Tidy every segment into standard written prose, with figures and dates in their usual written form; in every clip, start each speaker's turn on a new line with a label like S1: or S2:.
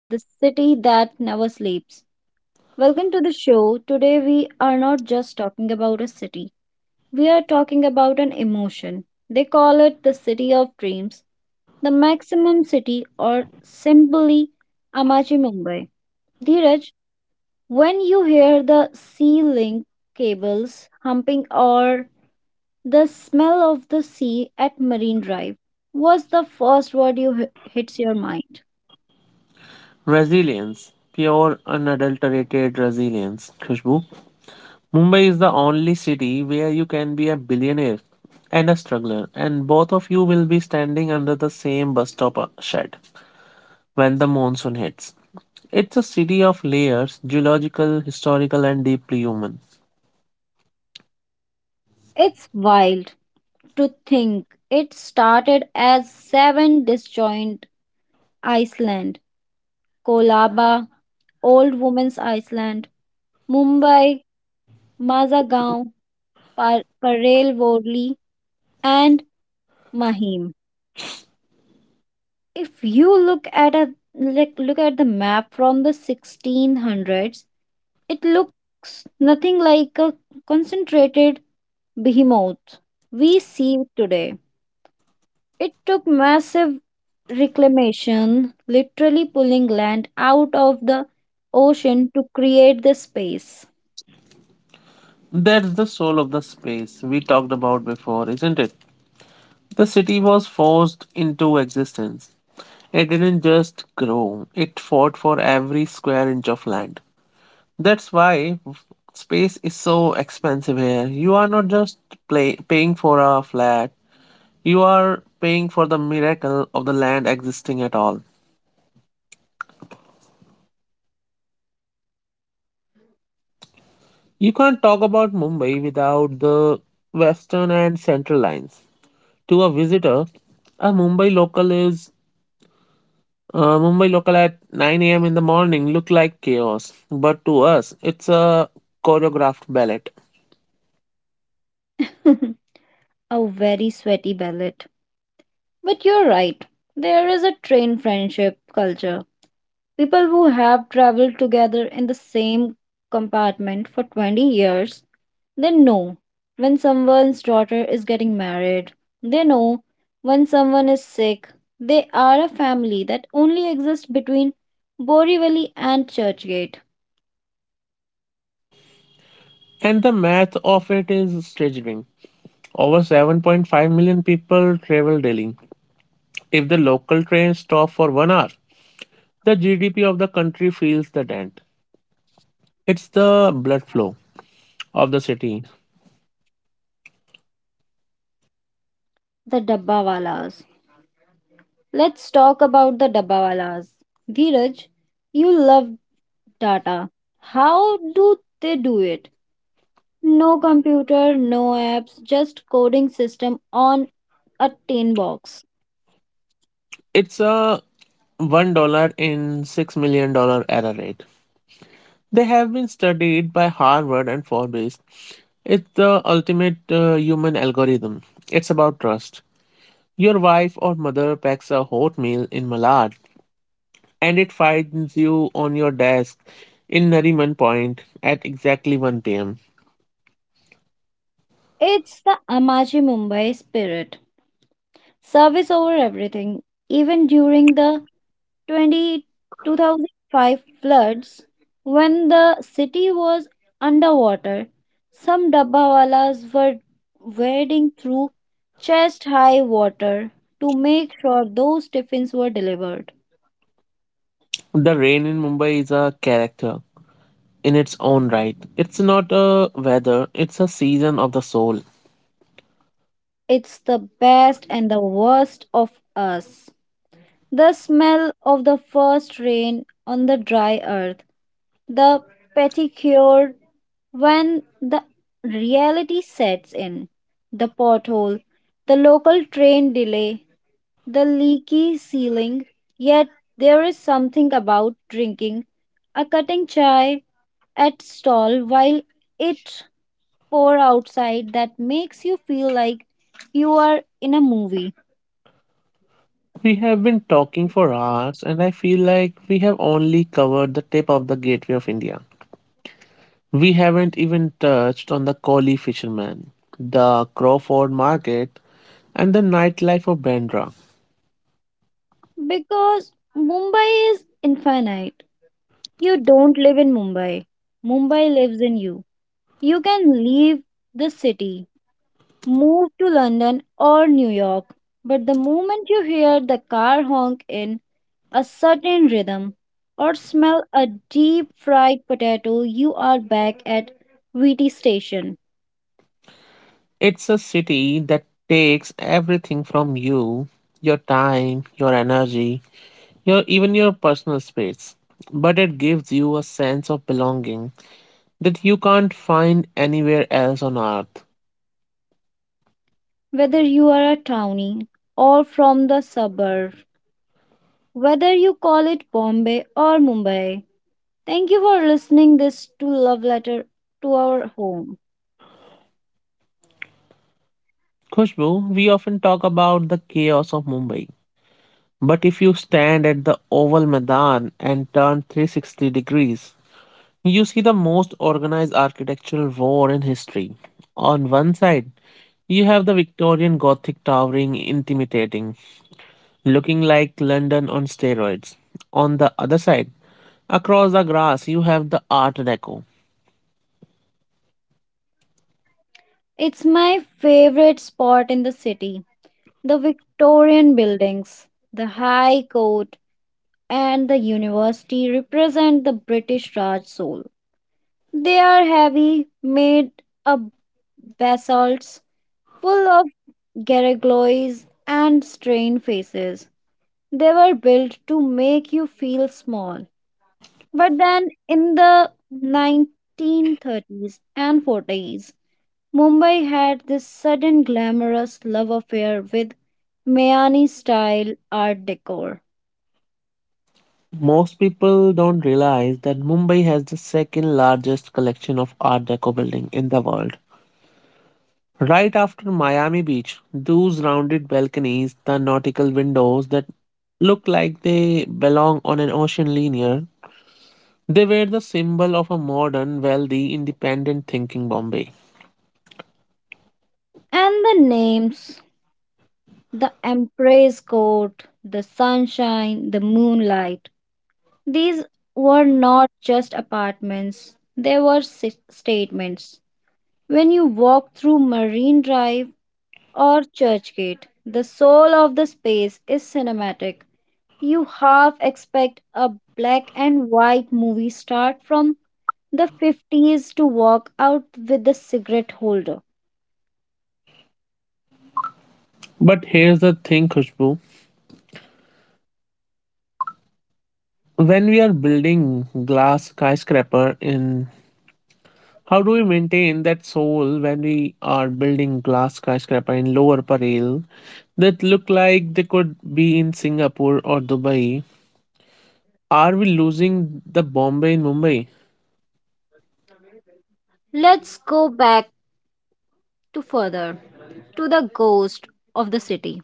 S1: the city that never sleeps. Welcome to the show. Today we are not just talking about a city, we are talking about an emotion. They call it the city of dreams, the maximum city, or simply Amachi Mumbai. Dheeraj, when you hear the sea link cables humping or the smell of the sea at Marine Drive, what's the first word you hits your mind?
S2: Resilience, pure unadulterated resilience. Khushbu, Mumbai is the only city where you can be a billionaire and a struggler, and both of you will be standing under the same bus stop shed when the monsoon hits. It's a city of layers, geological, historical, and deeply human.
S1: It's wild to think. It started as seven disjoint Iceland, Kolaba, Old Woman's Iceland, Mumbai, Mazagaon, Parelvorli, and Mahim. If you look at a like look at the map from the 1600s, it looks nothing like a concentrated behemoth we see today. It took massive reclamation, literally pulling land out of the ocean to create the space.
S2: That's the soul of the space we talked about before, isn't it? The city was forced into existence. It didn't just grow, it fought for every square inch of land. That's why space is so expensive here. You are not just paying for a flat, you are paying for the miracle of the land existing at all. You can't talk about Mumbai without the western and central lines. To a visitor, a Mumbai local is Mumbai local at 9 a.m. in the morning look like chaos, but to us, it's a choreographed ballet.
S1: A very sweaty ballad. But you're right, there is a train friendship culture. People who have traveled together in the same compartment for 20 years, they know when someone's daughter is getting married, they know when someone is sick. They are a family that only exists between Borivali and Churchgate.
S2: And the math of it is staggering. Over 7.5 million people travel daily. If the local trains stop for 1 hour, the GDP of the country feels the dent. It's the blood flow of the city.
S1: The Dabbawalas. Let's talk about the Dabbawalas. Dheeraj, you love data. How do they do it? No computer, no apps, just coding system on a tin box.
S2: It's a $1 in $6 million dollar error rate. They have been studied by Harvard and Forbes. It's the ultimate human algorithm. It's about trust. Your wife or mother packs a hot meal in Malad and it finds you on your desk in Nariman Point at exactly 1 pm.
S1: It's the Amaji Mumbai spirit. Service over everything, even during the 20, 2005 floods, when the city was underwater, some dabbawalas were wading through chest-high water to make sure those tiffins were delivered.
S2: The rain in Mumbai is a character in its own right. It's not a weather, it's a season of the soul.
S1: It's the best and the worst of us. The smell of the first rain on the dry earth, the petticoat. When the reality sets in, the pothole, the local train delay, the leaky ceiling, yet there is something about drinking a cutting chai at stall while it pour outside that makes you feel like you are in a movie,
S2: We have been talking for hours, and I feel like we have only covered the tip of the gateway of India. We haven't even touched on the Koli fisherman, the Crawford market, and the nightlife of Bandra.
S1: because Mumbai is infinite. You don't live in Mumbai. Mumbai lives in you. You can leave the city, move to London or New York. But the moment you hear the car honk in a certain rhythm or smell a deep fried potato, you are back at V. T. Station.
S2: It's a city that takes everything from you, your time, your energy, your even your personal space. But it gives you a sense of belonging that you can't find anywhere else on earth.
S1: Whether you are a townie or from the suburb, whether you call it Bombay or Mumbai. Thank you for listening this to love letter to our home.
S2: Khushbu, we often talk about the chaos of Mumbai. But if you stand at the Oval Madan and turn 360 degrees, you see the most organized architectural war in history. On one side, you have the Victorian Gothic towering, intimidating, looking like London on steroids. On the other side, across the grass, you have the Art Deco.
S1: It's my favorite spot in the city, the Victorian buildings, the high court, and the university represent the British Raj soul. They are heavy, made of basalts, full of gargoyles and strange faces. They were built to make you feel small. But then in the 1930s and 40s, Mumbai had this sudden glamorous love affair with Mayani style art decor.
S2: Most people don't realize that Mumbai has the second largest collection of Art Deco building in the world, right after Miami Beach. Those rounded balconies, the nautical windows that look like they belong on an ocean liner, they were the symbol of a modern, wealthy, independent thinking Bombay.
S1: And the names, the empress court, the sunshine, the moonlight. These were not just apartments, they were statements. When you walk through Marine Drive or Churchgate, the soul of the space is cinematic. You half expect a black and white movie star from the 50s to walk out with a cigarette holder.
S2: But here's the thing, Khushbu. When we are building glass skyscraper in How do we maintain that soul when we are building glass skyscraper in Lower Parel that look like they could be in Singapore or Dubai? Are we losing the Bombay in Mumbai?
S1: Let's go back to further to the ghost of the city.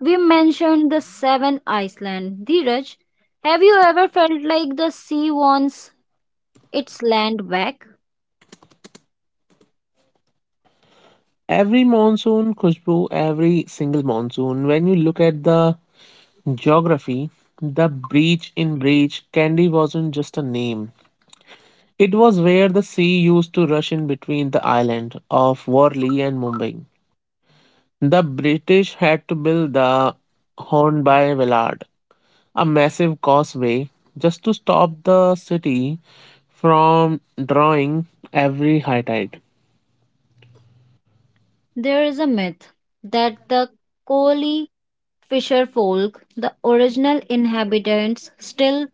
S1: We mentioned the seven Iceland. Dheeraj, have you ever felt like the sea wants its land back?
S2: Every monsoon, Khushbu, every single monsoon, when you look at the geography, the beach in breach, Kandy wasn't just a name. It was where the sea used to rush in between the island of Worli and Mumbai. The British had to build the Hornby Villard, a massive causeway, just to stop the city from drawing every high tide.
S1: There is a myth that the Koli fisher folk, the original inhabitants, still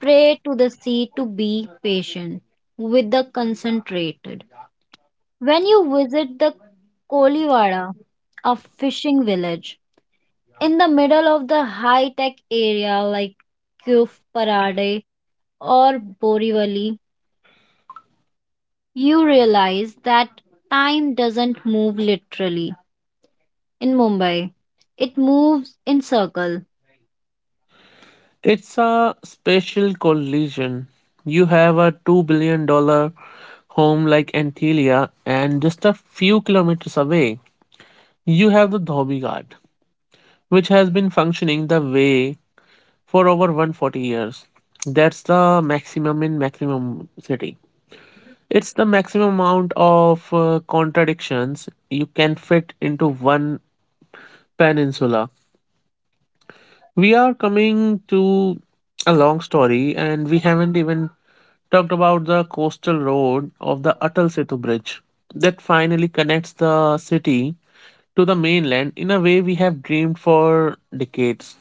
S1: pray to the sea to be patient with the concentrated. When you visit the Kolivara, a fishing village, in the middle of the high tech area like Cove or Borivali, you realize that time doesn't move literally. In Mumbai, it moves in circle.
S2: It's a special collision. You have a $2 billion dollar home like Antalya, and just a few kilometers away, you have the Dhobi Ghat, which has been functioning the way for over 140 years. That's the maximum in maximum city. It's the maximum amount of contradictions you can fit into one peninsula. We are coming to a long story, and we haven't even talked about the coastal road of the Atal Setu Bridge that finally connects the city to the mainland in a way we have dreamed for decades.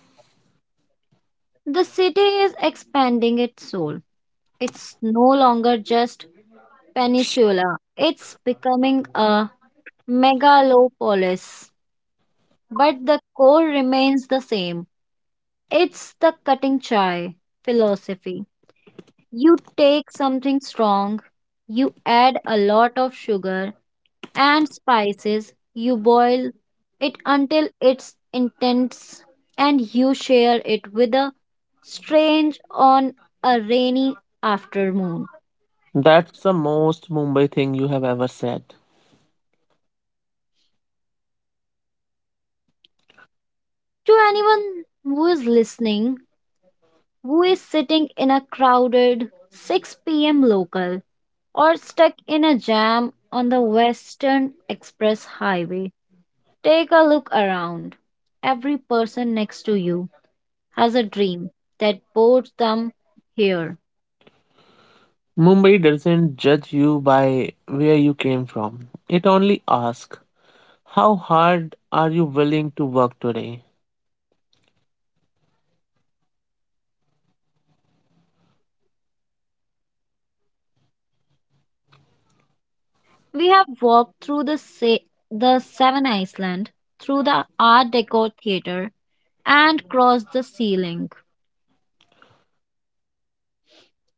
S1: The city is expanding its soul. It's no longer just peninsula. It's becoming a megalopolis. But the core remains the same. It's the cutting chai philosophy. You take something strong, you add a lot of sugar, and spices. You boil it until it's intense and you share it with a strange on a rainy afternoon.
S2: That's the most Mumbai thing you have ever said.
S1: To anyone who is listening, who is sitting in a crowded 6 p.m. local or stuck in a jam on the Western Express Highway, take a look around. Every person next to you has a dream that brought them here.
S2: Mumbai doesn't judge you by where you came from. It only asks, how hard are you willing to work today?
S1: We have walked through the Seven Iceland, through the Art Deco theater, and crossed the sea link.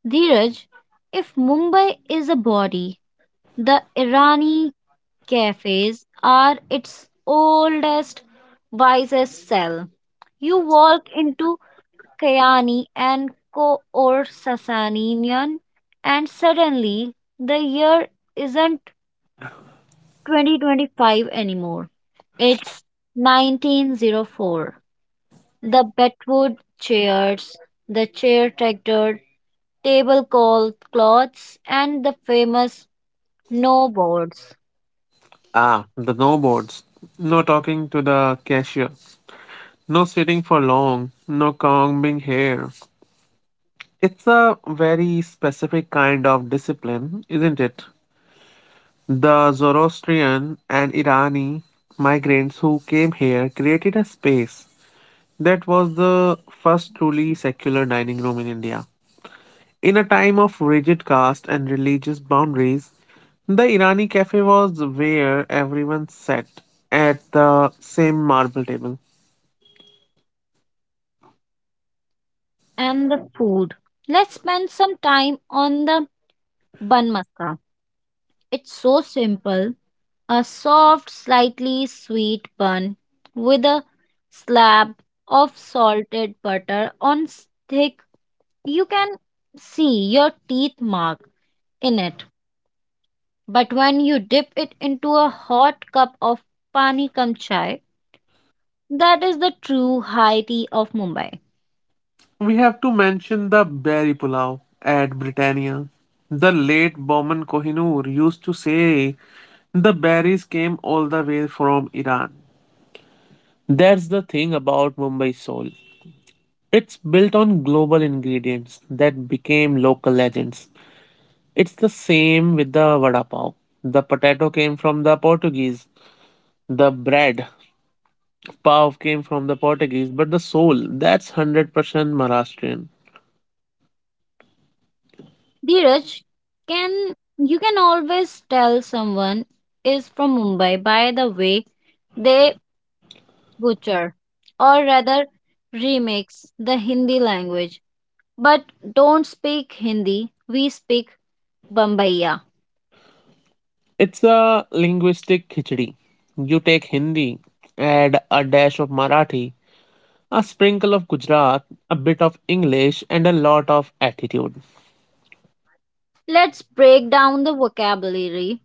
S1: Dheeraj, if Mumbai is a body, the Irani cafes are its oldest, wisest cell. You walk into Kayani and Ko or Sasanian, and suddenly the year isn't 2025 anymore. It's 1904. The Bedwood chairs, the chair tractor, tablecloth cloths, and the famous no boards.
S2: Ah, the no boards. No talking to the cashier. No sitting for long. No combing hair. It's a very specific kind of discipline, isn't it? The Zoroastrian and Irani migrants who came here created a space that was the first truly secular dining room in India. In a time of rigid caste and religious boundaries, the Irani cafe was where everyone sat at the same marble table.
S1: And the food. Let's spend some time on the bun masca. It's so simple, a soft, slightly sweet bun with a slab of salted butter thick. You can see your teeth mark in it. But when you dip it into a hot cup of pani kam chai, that is the true high tea of Mumbai.
S2: We have to mention the berry pulao at Britannia. The late Bowman Kohinoor used to say the berries came all the way from Iran. That's the thing about Mumbai soul. It's built on global ingredients that became local legends. It's the same with the vada pav. The potato came from the Portuguese. The bread pav came from the Portuguese, but the soul, that's 100% Maharashtrian.
S1: Dheeraj, can you can always tell someone is from Mumbai by the way they butcher or rather remix the Hindi language. But don't speak Hindi, we speak Bombaya.
S2: It's a linguistic khichdi. You take Hindi, add a dash of Marathi, a sprinkle of Gujarat, a bit of English, and a lot of attitude.
S1: Let's break down the vocabulary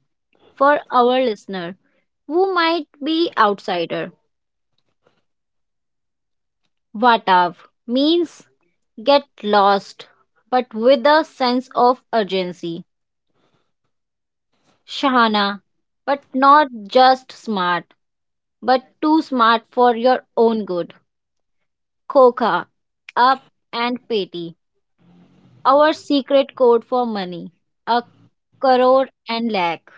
S1: for our listener who might be outsider. Vatav means get lost, but with a sense of urgency. Shahana, but not just smart, but too smart for your own good. Kokha, up and petty. Our secret code for money. A crore and lakh.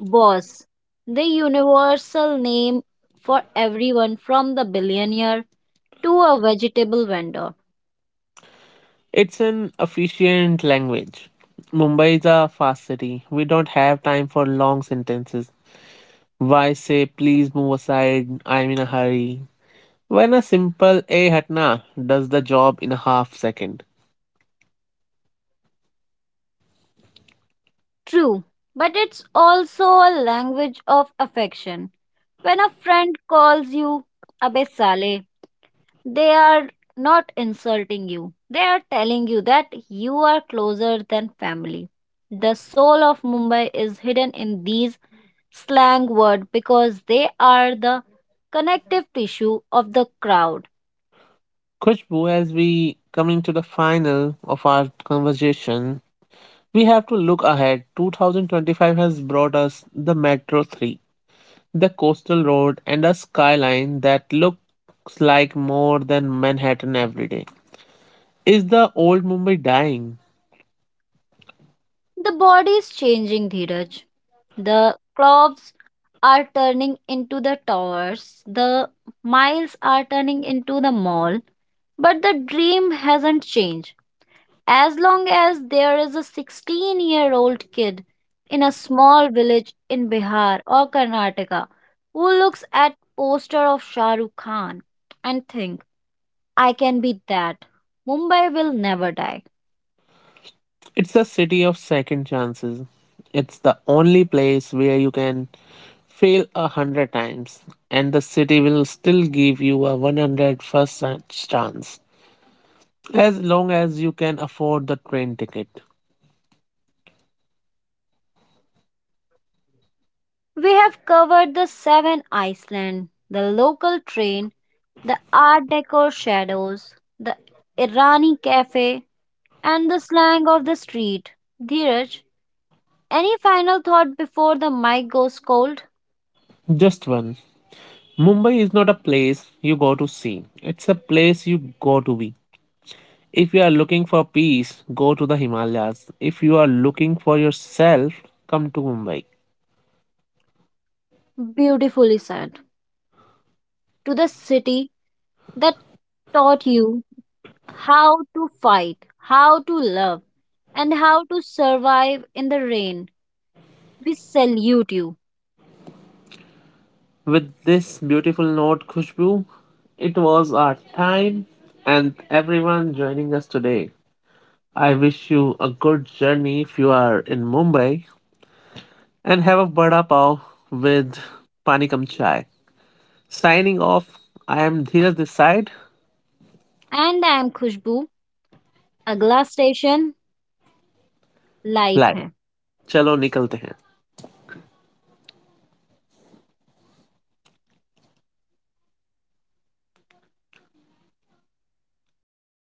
S1: Boss, the universal name for everyone from the billionaire to a vegetable vendor.
S2: It's an efficient language. Mumbai is a fast city. We don't have time for long sentences. Why say please move aside, I'm in a hurry, when a simple "eh hatna" does the job in a half second?
S1: True, but it's also a language of affection. When a friend calls you Abe Saleh, they are not insulting you. They are telling you that you are closer than family. The soul of Mumbai is hidden in these slang words because they are the connective tissue of the crowd.
S2: Kushbu, as we coming to the final of our conversation, we have to look ahead. 2025 has brought us the Metro 3, the coastal road, and a skyline that looks like more than Manhattan every day. Is the old Mumbai dying?
S1: The body is changing, Dheeraj. The clocks are turning into the towers. The miles are turning into the mall. But the dream hasn't changed. As long as there is a 16-year-old kid in a small village in Bihar or Karnataka who looks at poster of Shah Rukh Khan and think, I can be that. Mumbai will never die.
S2: It's a city of second chances. It's the only place where you can fail 100 times, and the city will still give you a 101st chance as long as you can afford the train ticket.
S1: We have covered the seven Iceland, the local train, the art Deco shadows, the Irani cafe, and the slang of the street. Dheeraj, any final thought before the mic goes cold?
S2: Just one. Mumbai is not a place you go to see, it's a place you go to be. If you are looking for peace, go to the Himalayas. If you are looking for yourself, come to Mumbai.
S1: Beautifully said. To the city that taught you how to fight, how to love, and how to survive in the rain. We salute you.
S2: With this beautiful note, Khushbu, it was our time and everyone joining us today. I wish you a good journey if you are in Mumbai and have a vada pav with pani kam chai. Signing off, I am Dheeraj this side.
S1: And I am Khushbu. Agla station, life
S2: Live.
S1: hai.
S2: Chalo nikalte hain.